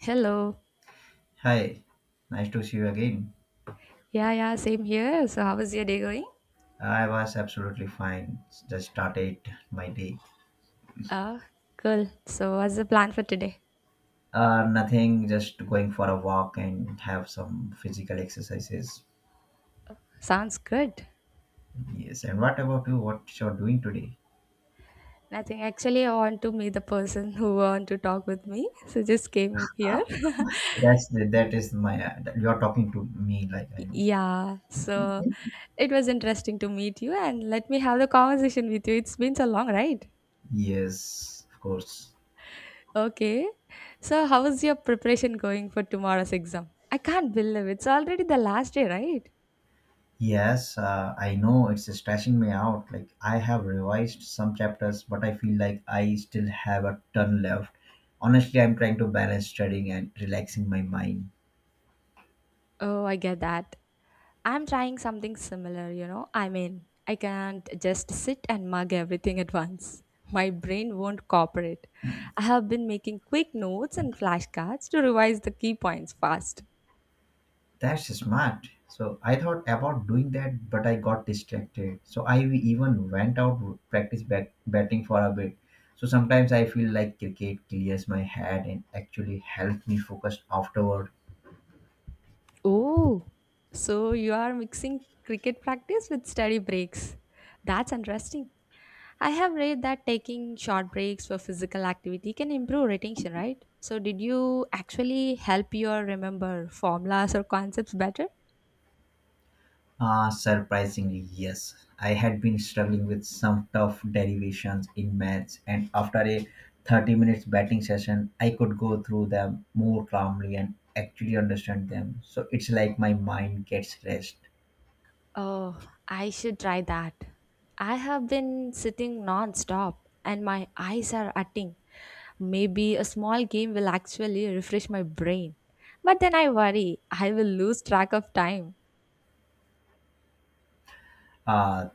Hello. Hi, nice to see you again. Yeah, yeah, same here. So, how is your day going? I was absolutely fine. Just started my day. Ah, cool. So, what's the plan for today? Nothing, just going for a walk and have some physical exercises. Sounds good. Yes, and what about you? What you're doing today? Nothing. Actually, I want to meet the person who want to talk with me. So, just came up here. That's the, that is my. You're talking to me like I know. yeah. So, it was interesting to meet you and let me have the conversation with you. It's been so long, right? Yes, of course. Okay. So, how is your preparation going for tomorrow's exam? I can't believe it's already the last day, right? Yes, I know it's stressing me out. Like, I have revised some chapters, but I feel like I still have a ton left. Honestly, I'm trying to balance studying and relaxing my mind. Oh, I get that. I'm trying something similar, you know. I mean, I can't just sit and mug everything at once. My brain won't cooperate. I have been making quick notes and flashcards to revise the key points fast. That's smart. So I thought about doing that, but I got distracted. So I even went out to practice batting for a bit. So sometimes I feel like cricket clears my head and actually helps me focus afterward. Oh, so you are mixing cricket practice with study breaks. That's interesting. I have read that taking short breaks for physical activity can improve retention, right? So, did you actually help your remember formulas or concepts better? Surprisingly, yes. I had been struggling with some tough derivations in maths, and after a 30 minutes batting session, I could go through them more calmly and actually understand them. So it's like my mind gets rest. Oh, I should try that. I have been sitting non-stop and my eyes are hurting. Maybe a small game will actually refresh my brain. But then I worry I will lose track of time. Uh,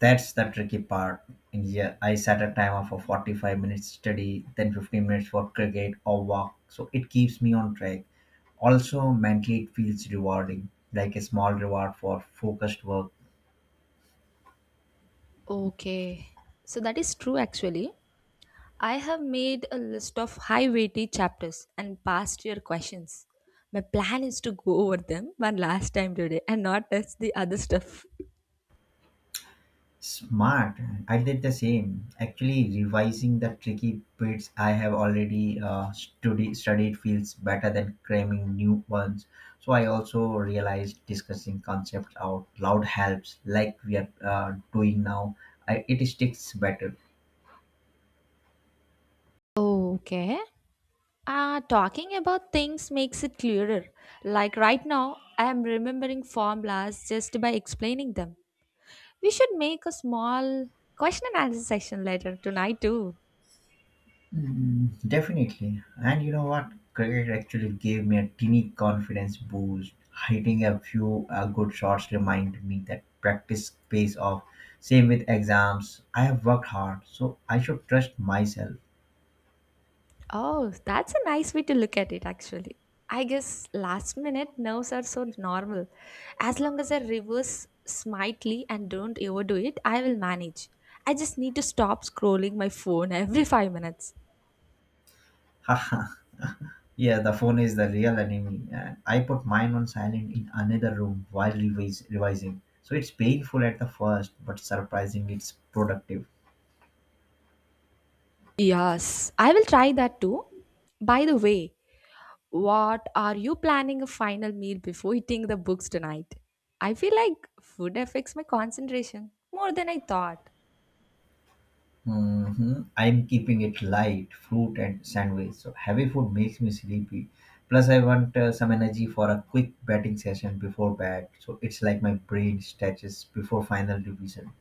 that's the tricky part. And yeah, I set a timer for 45 minutes study, then 15 minutes for cricket or walk. So it keeps me on track. Also, mentally, it feels rewarding, like a small reward for focused work. Okay. So that is true actually. I have made a list of high weighty chapters and past year questions. My plan is to go over them one last time today and not touch the other stuff. Smart. I did the same. Actually, revising the tricky bits I have already studied feels better than cramming new ones. So I also realized discussing concepts out loud helps, like we are doing now. It sticks better. Oh, okay. Talking about things makes it clearer. Like right now, I am remembering formulas just by explaining them. We should make a small question and answer session later tonight, too. Mm, definitely. And you know what? Cricket actually gave me a teeny confidence boost. Hitting a few good shots reminded me that practice pays off. Same with exams. I have worked hard, so I should trust myself. Oh, that's a nice way to look at it, actually. I guess last minute nerves are so normal. As long as I reverse smartly and don't overdo it, I will manage. I just need to stop scrolling my phone every 5 minutes. Haha, yeah, the phone is the real enemy. And I put mine on silent in another room while revising. So it's painful at the first, but surprisingly, it's productive. Yes, I will try that too. By the way, what are you planning a final meal before eating the books tonight? I feel like food affects my concentration more than I thought. Mhm. I'm keeping it light, fruit and sandwich. So heavy food makes me sleepy. Plus, I want some energy for a quick batting session before bed. So it's like my brain stretches before final revision.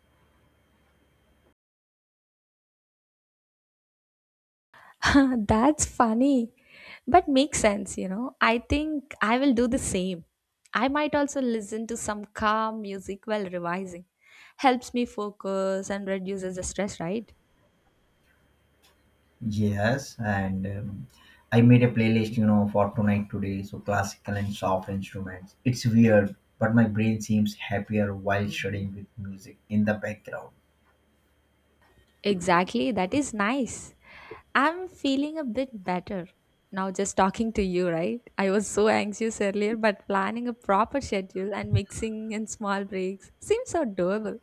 That's funny, but makes sense, you know. I think I will do the same. I might also listen to some calm music while revising. Helps me focus and reduces the stress, right? Yes, and I made a playlist, you know, for tonight today. So classical and soft instruments. It's weird, but my brain seems happier while studying with music in the background. Exactly, that is nice. I'm feeling a bit better now just talking to you, right? I was so anxious earlier, but planning a proper schedule and mixing in small breaks seems so doable.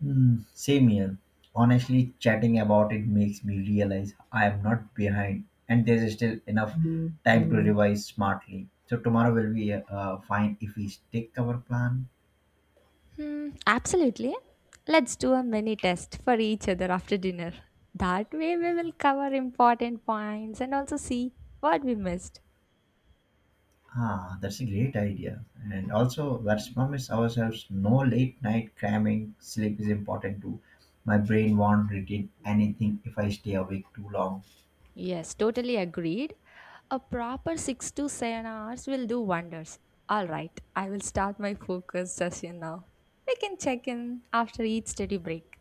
Hmm, same here. Honestly, chatting about it makes me realize I am not behind, and there's still enough time to revise smartly. So tomorrow will be fine if we stick our plan. Hmm, absolutely. Let's do a mini test for each other after dinner. That way, we will cover important points and also see what we missed. Ah, that's a great idea. And also, let's promise ourselves no late night cramming. Sleep is important too. My brain won't retain anything if I stay awake too long. Yes, totally agreed. A proper 6 to 7 hours will do wonders. All right, I will start my focus session now. We can check in after each study break.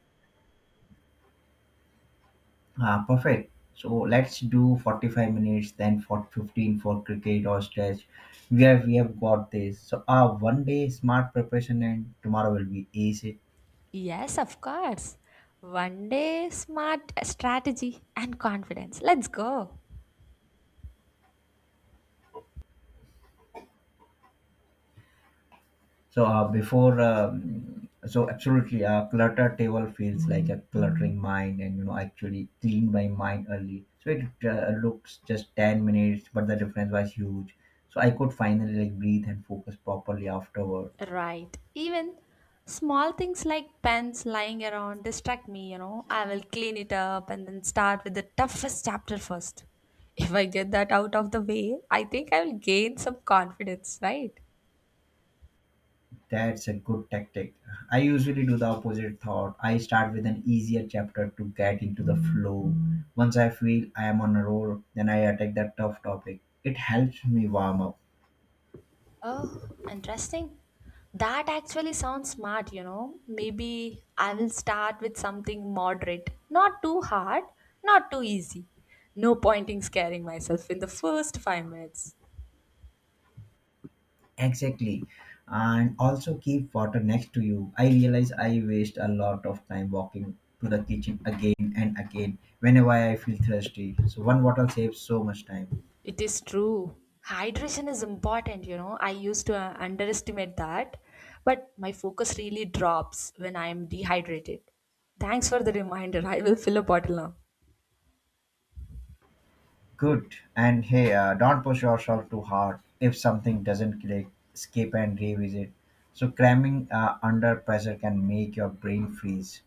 Ah, perfect. So let's do 45 minutes, then for 15 for cricket or stretch. We have got this. So one day smart preparation and tomorrow will be easy. Yes, of course. One day, smart strategy and confidence. Let's go. So absolutely a cluttered table feels like a cluttering mind, and you know I actually cleaned my mind early. So it looks just 10 minutes, but the difference was huge. So I could finally like breathe and focus properly afterward. Right. Even small things like pens lying around distract me, you know. I will clean it up and then start with the toughest chapter first. If I get that out of the way, I think I will gain some confidence, right? That's a good tactic. I usually do the opposite thought. I start with an easier chapter to get into the flow. Once I feel I am on a roll, then I attack that tough topic. It helps me warm up. Oh, interesting. That actually sounds smart, you know. Maybe I will start with something moderate, not too hard, not too easy. No point in scaring myself in the first 5 minutes. Exactly. And also keep water next to you. I realize I waste a lot of time walking to the kitchen again and again whenever I feel thirsty. So one bottle saves so much time. It is true. Hydration is important, you know. I used to underestimate that, but my focus really drops when I am dehydrated. Thanks for the reminder. I will fill a bottle now. Good. And hey, don't push yourself too hard. If something doesn't click, skip and revisit. So cramming under pressure can make your brain freeze.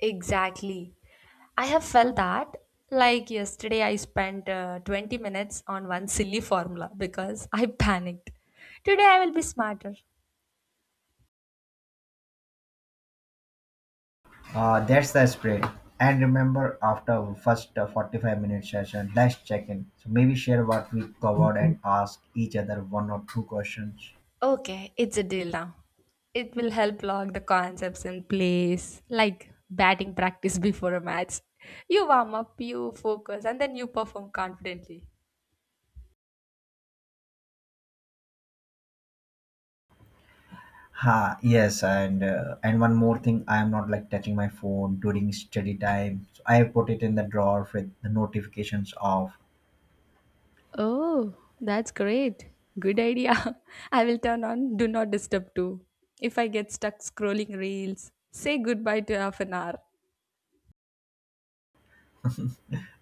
Exactly. I have felt that. Like yesterday, I spent 20 minutes on one silly formula because I panicked. Today, I will be smarter. That's the spirit. And remember, after first 45-minute session, let's check in. So maybe share what we covered and ask each other one or two questions. Okay, it's a deal now. It will help lock the concepts in place, like batting practice before a match. You warm up, you focus, and then you perform confidently. Ha, yes, and one more thing, I am not like touching my phone during study time. So I have put it in the drawer with the notifications off. Oh, that's great. Good idea. I will turn on Do Not Disturb too. If I get stuck scrolling reels, say goodbye to half an hour.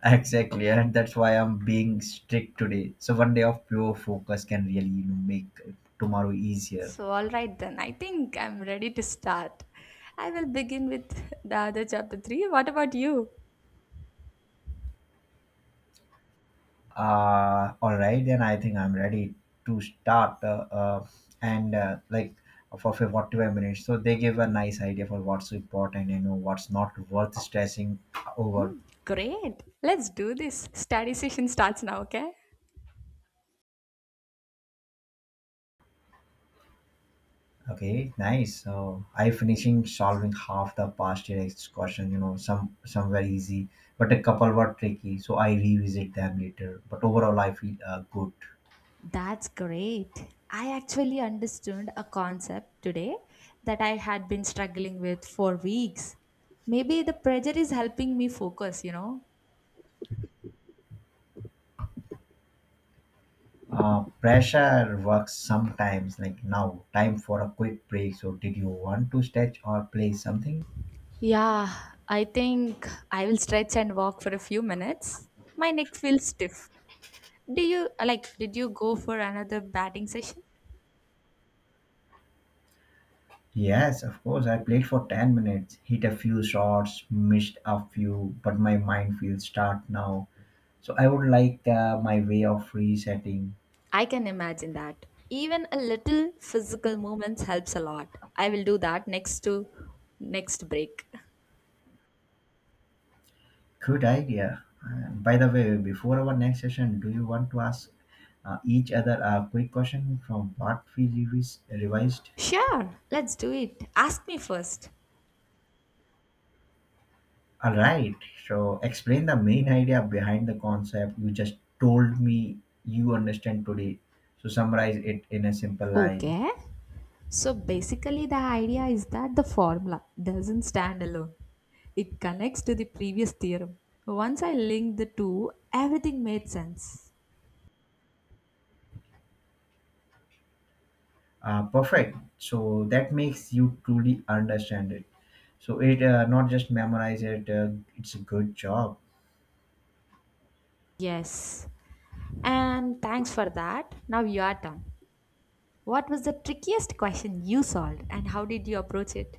Exactly, and that's why I'm being strict today. So one day of pure focus can really, you know, make tomorrow easier. So, all right then, I think I'm ready to start. I will begin with the other chapter 3. What about you? All right, then I think I'm ready to start. And like for 45 minutes, so they give a nice idea for what's important and what's not worth stressing over. Hmm, great. Let's do this. Study session starts now, okay? Okay, nice. So I finishing solving half the past year question, you know, some were easy, but a couple were tricky. So I revisit them later. But overall, I feel good. That's great. I actually understood a concept today that I had been struggling with for weeks. Maybe the pressure is helping me focus, you know? Pressure works sometimes. Like now, time for a quick break. So did you want to stretch or play something? Yeah, I think I will stretch and walk for a few minutes. My neck feels stiff. Do you like did you go for another batting session? Yes, of course. I played for 10 minutes, hit a few shots, missed a few, but my mind feels start now. So I would like my way of resetting. I can imagine that. Even a little physical movements helps a lot. I will do that next break. Good idea. By the way, before our next session, do you want to ask each other a quick question from what we revised? Sure, let's do it. Ask me first. All right. So explain the main idea behind the concept you just told me you understand today. So summarize it in a simple line. Okay. So basically, the idea is that the formula doesn't stand alone. It connects to the previous theorem. Once I linked the two, everything made sense. Perfect. So that makes you truly understand it. So it not just memorize it. It's a good job. Yes. And thanks for that. Now your turn. What was the trickiest question you solved and how did you approach it?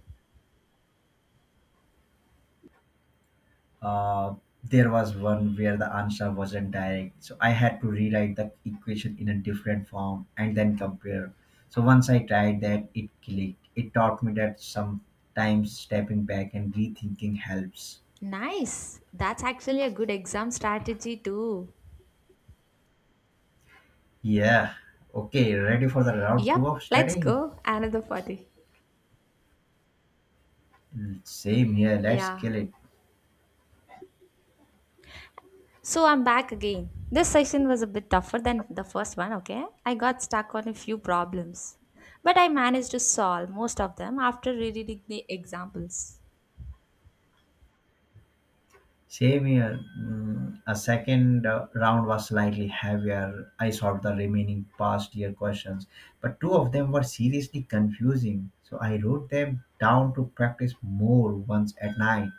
Uh, there was one where the answer wasn't direct, so I had to rewrite the equation in a different form and then compare. So once I tried that, it clicked. It taught me that sometimes stepping back and rethinking helps. Nice. That's actually a good exam strategy too. Yeah. Okay, ready for the round Yep, two of let's studying? go. Another party. Same here. Let's Yeah. kill it. So I'm back again. This session was a bit tougher than the first one, okay? I got stuck on a few problems. But I managed to solve most of them after reading the examples. Same here. Mm, a second round was slightly heavier. I solved the remaining past year questions, but two of them were seriously confusing. So I wrote them down to practice more once at night.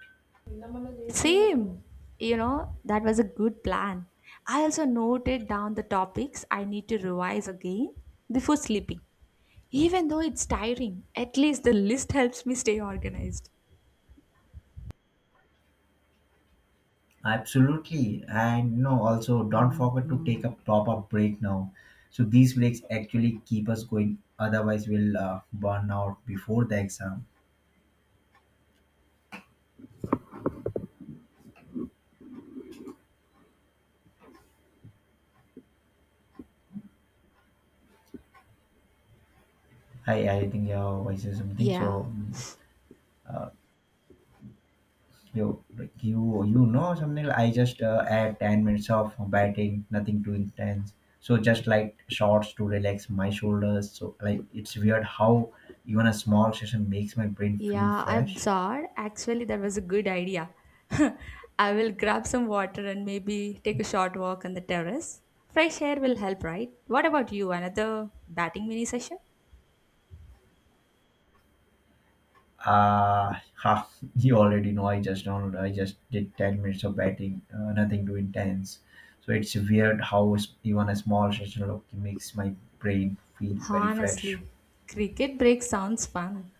Same. You know, that was a good plan. I also noted down the topics I need to revise again before sleeping. Even though it's tiring, at least the list helps me stay organized. Absolutely. And you know, also don't forget to take a proper break now. So these breaks actually keep us going. Otherwise, we'll burn out before the exam. Hi, I think your voice is something. Yeah, So, mm, uh, you, you know something, like I just add 10 minutes of batting, nothing too intense. So just like shorts to relax my shoulders. So like it's weird how even a small session makes my brain feel yeah, I'm fresh. sorry. Actually, that was a good idea. I will grab some water and maybe take a short walk on the terrace. Fresh air will help, right? What about you? Another batting mini session? Ha, you already know. I just downloaded. I just did 10 minutes of batting, nothing too intense. So it's weird how even a small session look makes my brain feel very fresh. Honestly, cricket break sounds fun.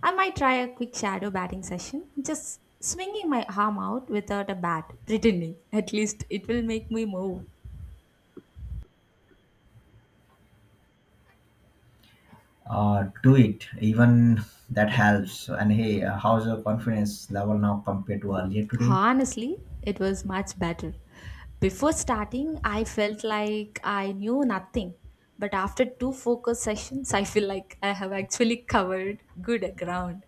I might try a quick shadow batting session, just swinging my arm out without a bat, pretending. At least it will make me move. Do it, even that helps. And hey, how's your confidence level now compared to earlier today? Honestly, it was much better. Before starting, I felt like I knew nothing. But after two focus sessions, I feel like I have actually covered good ground.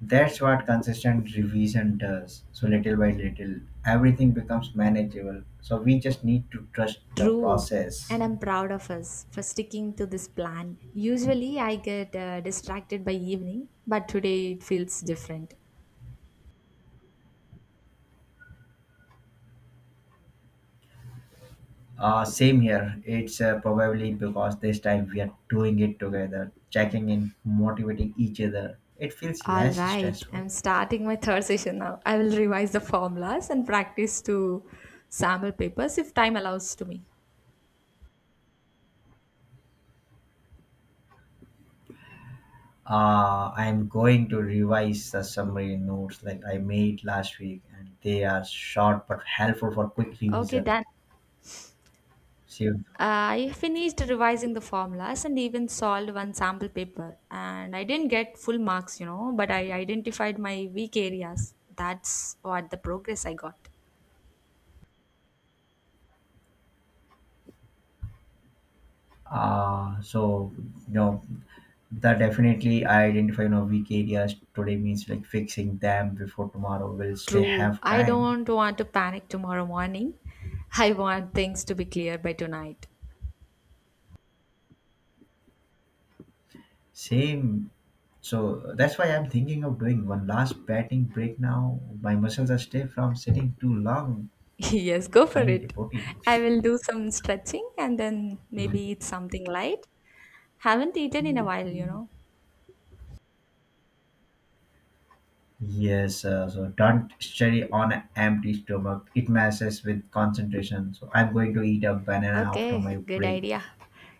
That's what consistent revision does. So little by little everything becomes manageable, so we just need to trust the True. process. And I'm proud of us for sticking to this plan. Usually, I get distracted by evening, but today it feels different. Same here. It's probably because this time we are doing it together, checking in, motivating each other. It feels All less right, stressful. I'm starting my third session now. I will revise the formulas and practice to sample papers if time allows to me. I'm going to revise the summary notes like I made last week, and they are short but helpful for quick Okay, revision. done. See, I finished revising the formulas and even solved one sample paper. And I didn't get full marks, you know, but I identified my weak areas. That's what the progress I got. uh, so you know that definitely I identify, you know, weak areas today means like fixing them before tomorrow will still True, have I time. don't want to panic tomorrow morning. I want things to be clear by tonight. Same. So that's why I'm thinking of doing one last batting break now. My muscles are stiff from sitting too long. yes, go for I need a it. protein. I will do some stretching and then maybe eat something light. Haven't eaten in a while, you know. Yes, so don't study on an empty stomach. It messes with concentration. So I'm going to eat a banana after Okay, my good break. idea.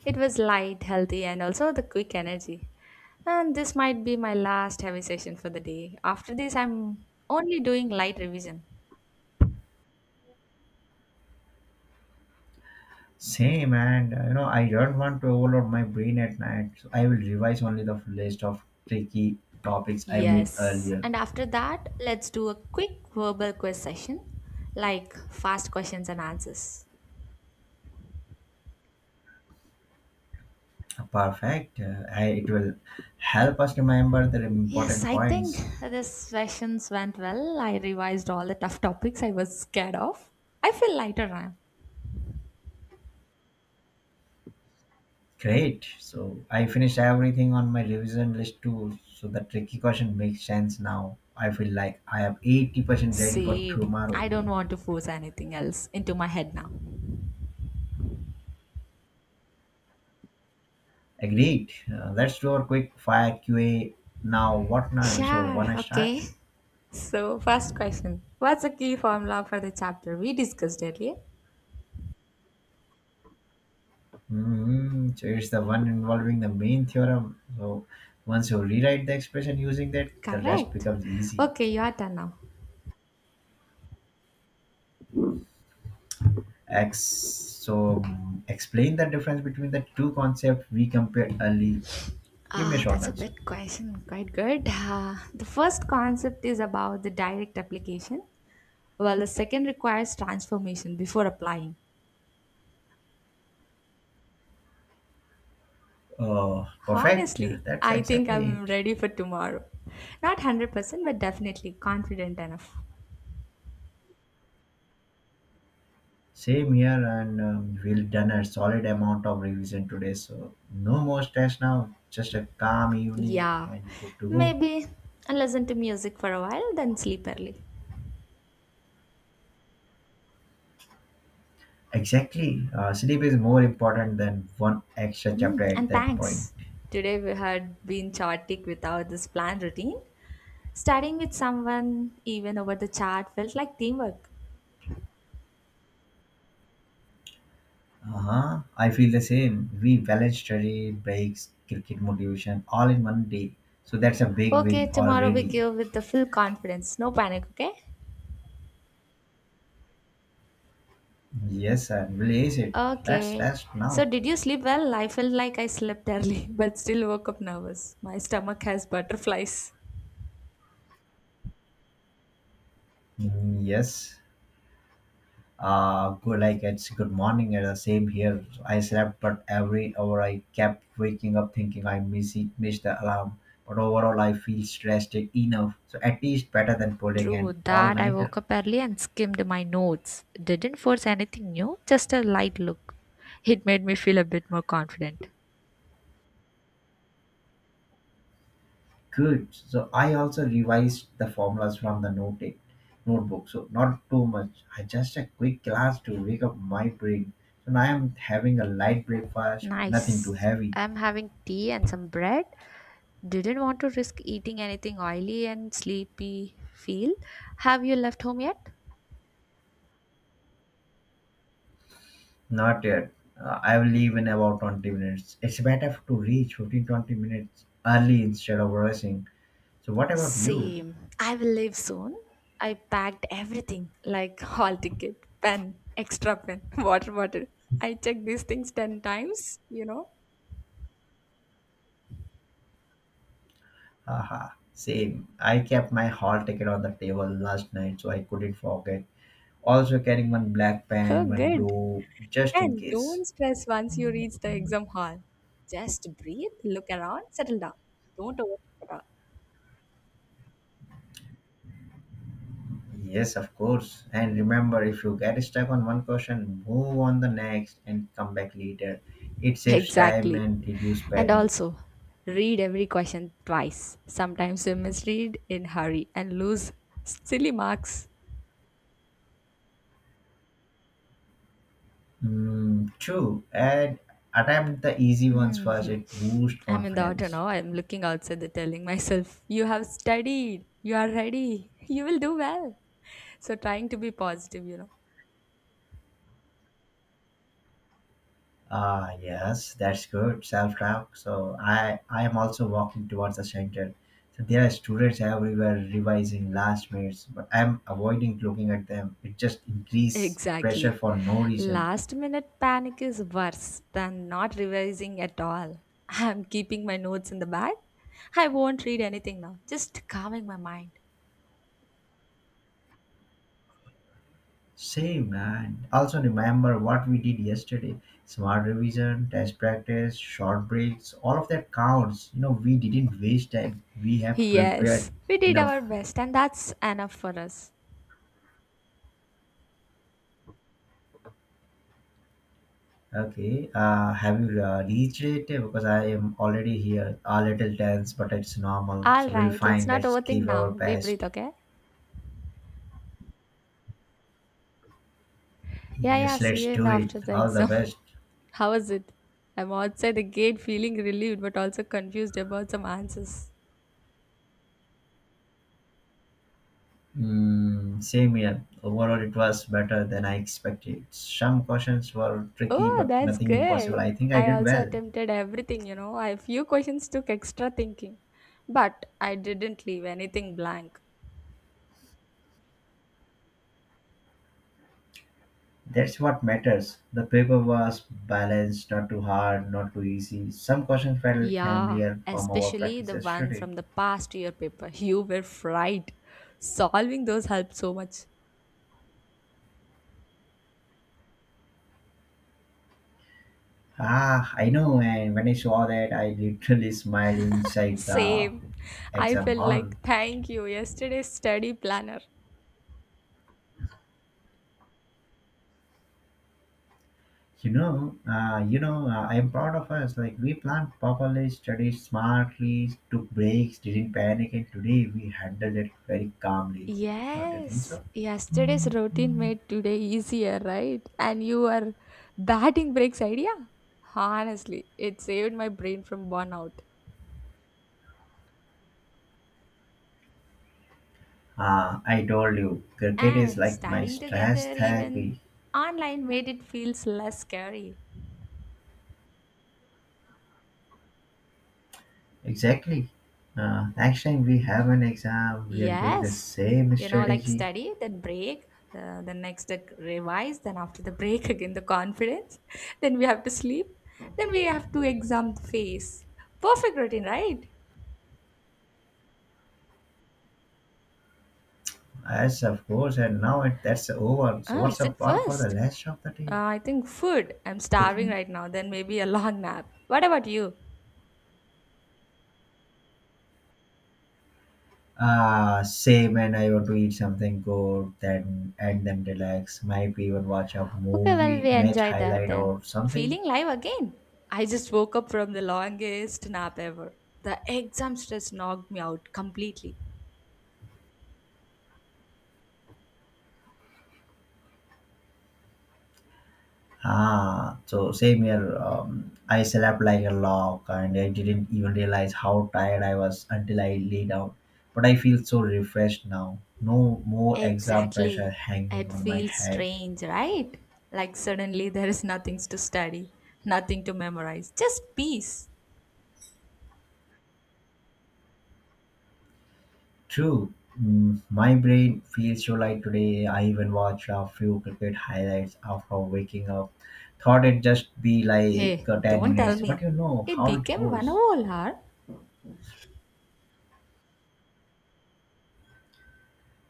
It was light, healthy, and also the quick energy. And this might be my last heavy session for the day. After this, I'm only doing light revision. Same, and you know I don't want to overload my brain at night. So I will revise only the list of tricky topics I made Yes. earlier. And after that, let's do a quick verbal quiz session, like fast questions and answers. Perfect. It will help us remember the Yes, important I think points. these sessions went well. I revised all the tough topics I was scared of. I feel lighter now. Great. So I finished everything on my revision list too. So the tricky question makes sense now. I feel like I am 80% ready for Same. tomorrow. I don't want to force anything else into my head now. Agreed. Let's do our quick fire QA now. What now? So Sure, when I start? okay. So, first question, what's the key formula for the chapter we discussed earlier? Mm, so it's the one involving the main theorem. So once you rewrite the expression using that, the rest Correct. becomes easy. Okay, your turn now. X. So mm, explain the difference between the two concepts we compared early. Give me a Ah, short that's a answer. bit question. Quite good. The first concept is about the direct application, while the second requires transformation before applying. Oh, perfect. Yeah, Honestly, that's I think exactly I'm it. ready for tomorrow. Not 100%, but definitely confident enough. Same here, and we've done a solid amount of revision today. So no more stress now. Just a calm evening, Yeah, and you're good to go. maybe listen to music for a while, then sleep early. Exactly. Sleep is more important than one extra chapter Mm, at and that point. thanks. Today we had been chaotic without this planned routine. Starting with someone even over the chat felt like teamwork. Uh huh. I feel the same. We balance study, breaks, cricket motivation, all in one day. So that's a big win Okay, tomorrow we already. give with the full confidence. No panic, okay? Yes, and release it. Let's Okay. rest So now. did you sleep well? I felt like I slept early, but still woke up nervous. My stomach has butterflies. Mm, yes. Good, like it's good morning. And the same here, I slept, but every hour I kept waking up thinking missed the alarm. But overall I feel stressed enough, so at least better than pulling an True that I all-nighter. woke up early and skimmed my notes. Didn't force anything new, just a light look. It made me feel a bit more confident. Good, so I also revised the formulas from the notebook. So not too much, I just a quick glance to wake up my brain. So now I'm having a light breakfast, nothing too Nice. heavy. I'm having tea and some bread. Didn't want to risk eating anything oily and sleepy feel. Have you left home yet? Not yet. I will leave in about 20 minutes. It's better to reach 15 20 minutes early instead of rushing. So, what about you? Same. I will leave soon. I packed everything like hall ticket, pen, extra pen, water bottle. I checked these things 10 times, you know. Haha, same. I kept my hall ticket on the table last night so I couldn't forget. Also, carrying one black pen, Oh, one good. blue, just in And case. don't stress once you reach the exam hall. Just breathe, look around, settle down. Don't overthink at all. Yes, of course. And remember, if you get stuck on one question, move on the next and come back later. It saves time Exactly. and reduce And panic. also, read every question twice. Sometimes you misread in hurry and lose silly marks. Mm, true. And attempt the easy ones Hmm. first. It boosts I'm in the auto confidence. now. I'm looking outside the telling myself, you have studied. You are ready. You will do well. So trying to be positive, you know. Ah, yes, that's good. Self talk. So I am also walking towards the center. So there are students everywhere revising last minutes, but I'm avoiding looking at them. It just increases pressure Exactly. for no reason. Last minute panic is worse than not revising at all. I'm keeping my notes in the bag. I won't read anything now. Just calming my mind. Same man. Also remember what we did yesterday. Smart revision, test practice, short breaks, all of that counts. You know, we didn't waste time. We have prepared Yes, we did our enough. best, and that's enough for us. Okay. Have you reached it? Because I am already here. A little tense, but it's normal. All So we'll right, let's find. not Let's overthink give our now. Deep breathe, best. okay? Yeah, Yes, yeah, see let's you in do the it. after the All the exam. best. How was it? I'm outside the gate feeling relieved but also confused about some answers. Mm, same here. Overall, it was better than I expected. Some questions were tricky, Oh, but that's nothing impossible. good. I think I I did also well. attempted everything, you know. A few questions took extra thinking, but I didn't leave anything blank. That's what matters. The paper was balanced, not too hard, not too easy. Some questions felt Yeah, familiar from our especially the practices, should one it? from the past year paper. You were fried. Solving those helped so much. Ah, I know. And when I saw that, I literally smiled inside the Same. I exam felt hall. like, thank you, yesterday's study planner. I am proud of us. Like we planned properly, studied smartly, took breaks, didn't panic, and today we handled it very calmly. Don't you think Yes, so? yesterday's routine made today easier, right? And you are batting breaks idea? Honestly, it saved my brain from burnout. Ah, I told you, cricket is And like my studying stress together, even therapy. online, made it feels less scary. Exactly. Next time we have an exam, we are doing the Yes, same you know, like strategy. study, then break, then next revise, then after the break again the conference, then we have to sleep, then we have to exam the face. Perfect routine, right? Yes, of course. That's over. So Ah, what's is the it plan for the first? rest of the day? I think food. I'm starving Cooking? right now. Then maybe a long nap. What about you? Ah, same. When I want to eat something good, then relax. Might even watch a Okay, well movie, we match enjoy that highlight or then. something. Feeling live again. I just woke up from the longest nap ever. The exam stress knocked me out completely. Ah, so same here. I slept like a log, and I didn't even realize how tired I was until I lay down. But I feel so refreshed now. No more exam pressure Exactly. hanging It on my feels head. strange, right? Like suddenly there is nothing to study, nothing to memorize, just peace. True. Mm, my brain feels so light today. I even watched a few cricket highlights after waking up. Thought it'd just be like Hey, 10 don't tell minutes, but me. you know It how it became one goes. whole hour.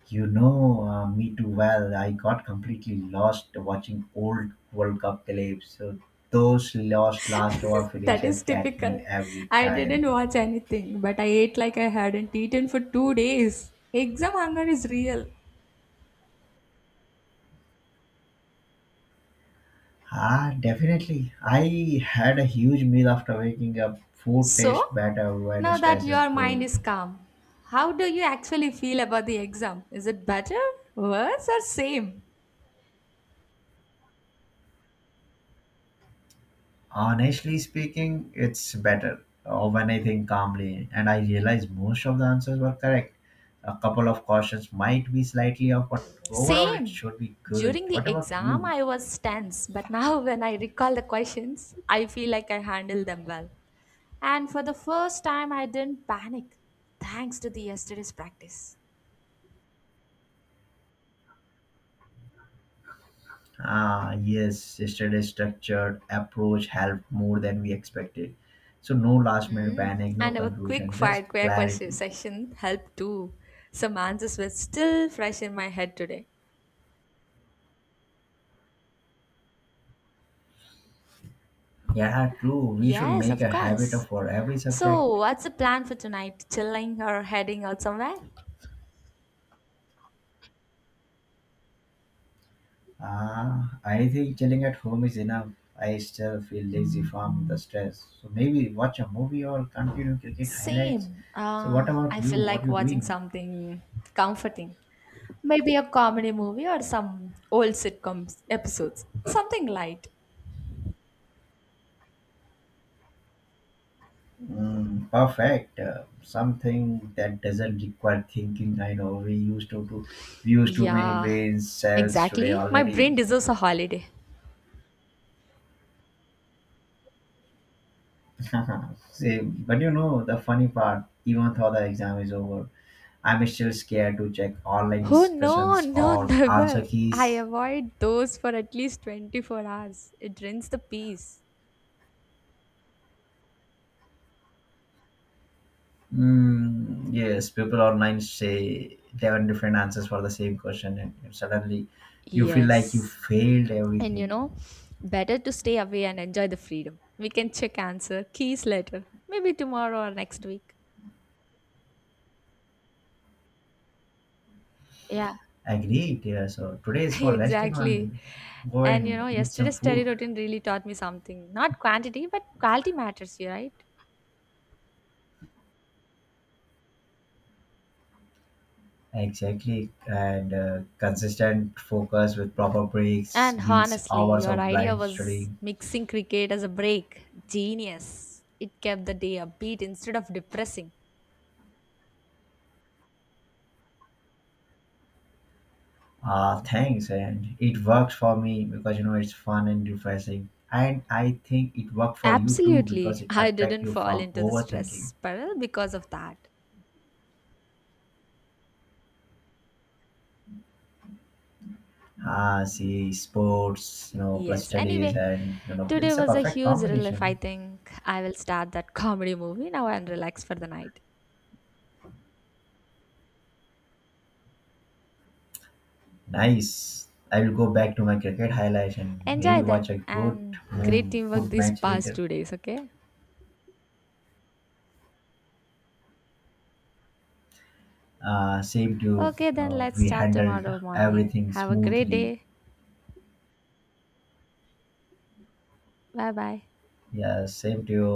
Me too well. I got completely lost watching old World Cup clips. So those lost last over That finishes is get me typical. every I time. didn't watch anything, but I ate like I hadn't eaten for 2 days. Exam hunger is real. Ah, definitely. I had a huge meal after waking up. Food So, tastes better when now it that tastes your mind good. is calm, how do you actually feel about the exam? Is it better, worse, or same? Honestly speaking, it's better when I think calmly and I realize most of the answers were correct. A couple of cautions might be slightly off, but overall it Same. should be good. During What the about exam, you? I was tense, but now when I recall the questions, I feel like I handled them well. And for the first time, I didn't panic, thanks to the yesterday's practice. Ah, yes, yesterday's structured approach helped more than we expected. So, no last minute Mm. panic, no And our quick confusion, fire just quick question clarity. session helped too. Some answers were still fresh in my head today. Yeah, true. We should Yes, make of a habit of course. for every subject. So, what's the plan for tonight? Chilling or heading out somewhere? I think chilling at home is enough. I still feel lazy from the stress. So maybe watch a movie or continue cricket highlights. Same. So what about I you? feel What like you watching doing? something comforting. Maybe a comedy movie or some old sitcoms episodes. Something light. Mm, perfect. Something that doesn't require thinking. I know we used to we use too many Yeah, brain cells today exactly. My brain already. deserves a holiday. Same. But you know the funny part. Even though the exam is over, I'm still scared to check online Oh no, discussions no, or answer never. I keys. avoid those for at least 24 hours. It drains the peace. Mm, yes, people online say 11 different answers for the same question, and suddenly you feel like you Yes. failed And you everything. know, better to stay away and enjoy the freedom. We can check answer keys later. Maybe tomorrow or next week. Yeah. Agreed. Yeah, so today is for resting only. exactly. Go And you and know, eat some yesterday's study food. routine really taught me something. Not quantity, but quality matters, you right? Exactly. And consistent focus with proper breaks And beats honestly, hours your of idea blind was studying. mixing cricket as a break. Genius. It kept the day upbeat instead of depressing. Ah, thanks. And it works for me because you know it's fun and refreshing. And I think it worked for you too because Absolutely. it I attracts didn't you fall from into the stress overthinking. spiral because of that. Ah, see, sports, you know, plus Yes. studies, Anyway, and you know, today it's a was a perfect huge relief, I combination. think. I will start that comedy movie now and relax for the night. Nice. I will go back to my cricket highlights and maybe Enjoy watch then a good and great move, teamwork good these match past later. 2 days, okay? Same to you. Okay, then let's We start handled tomorrow morning. everything Have a great smoothly. day. Bye bye. Yeah, same to you.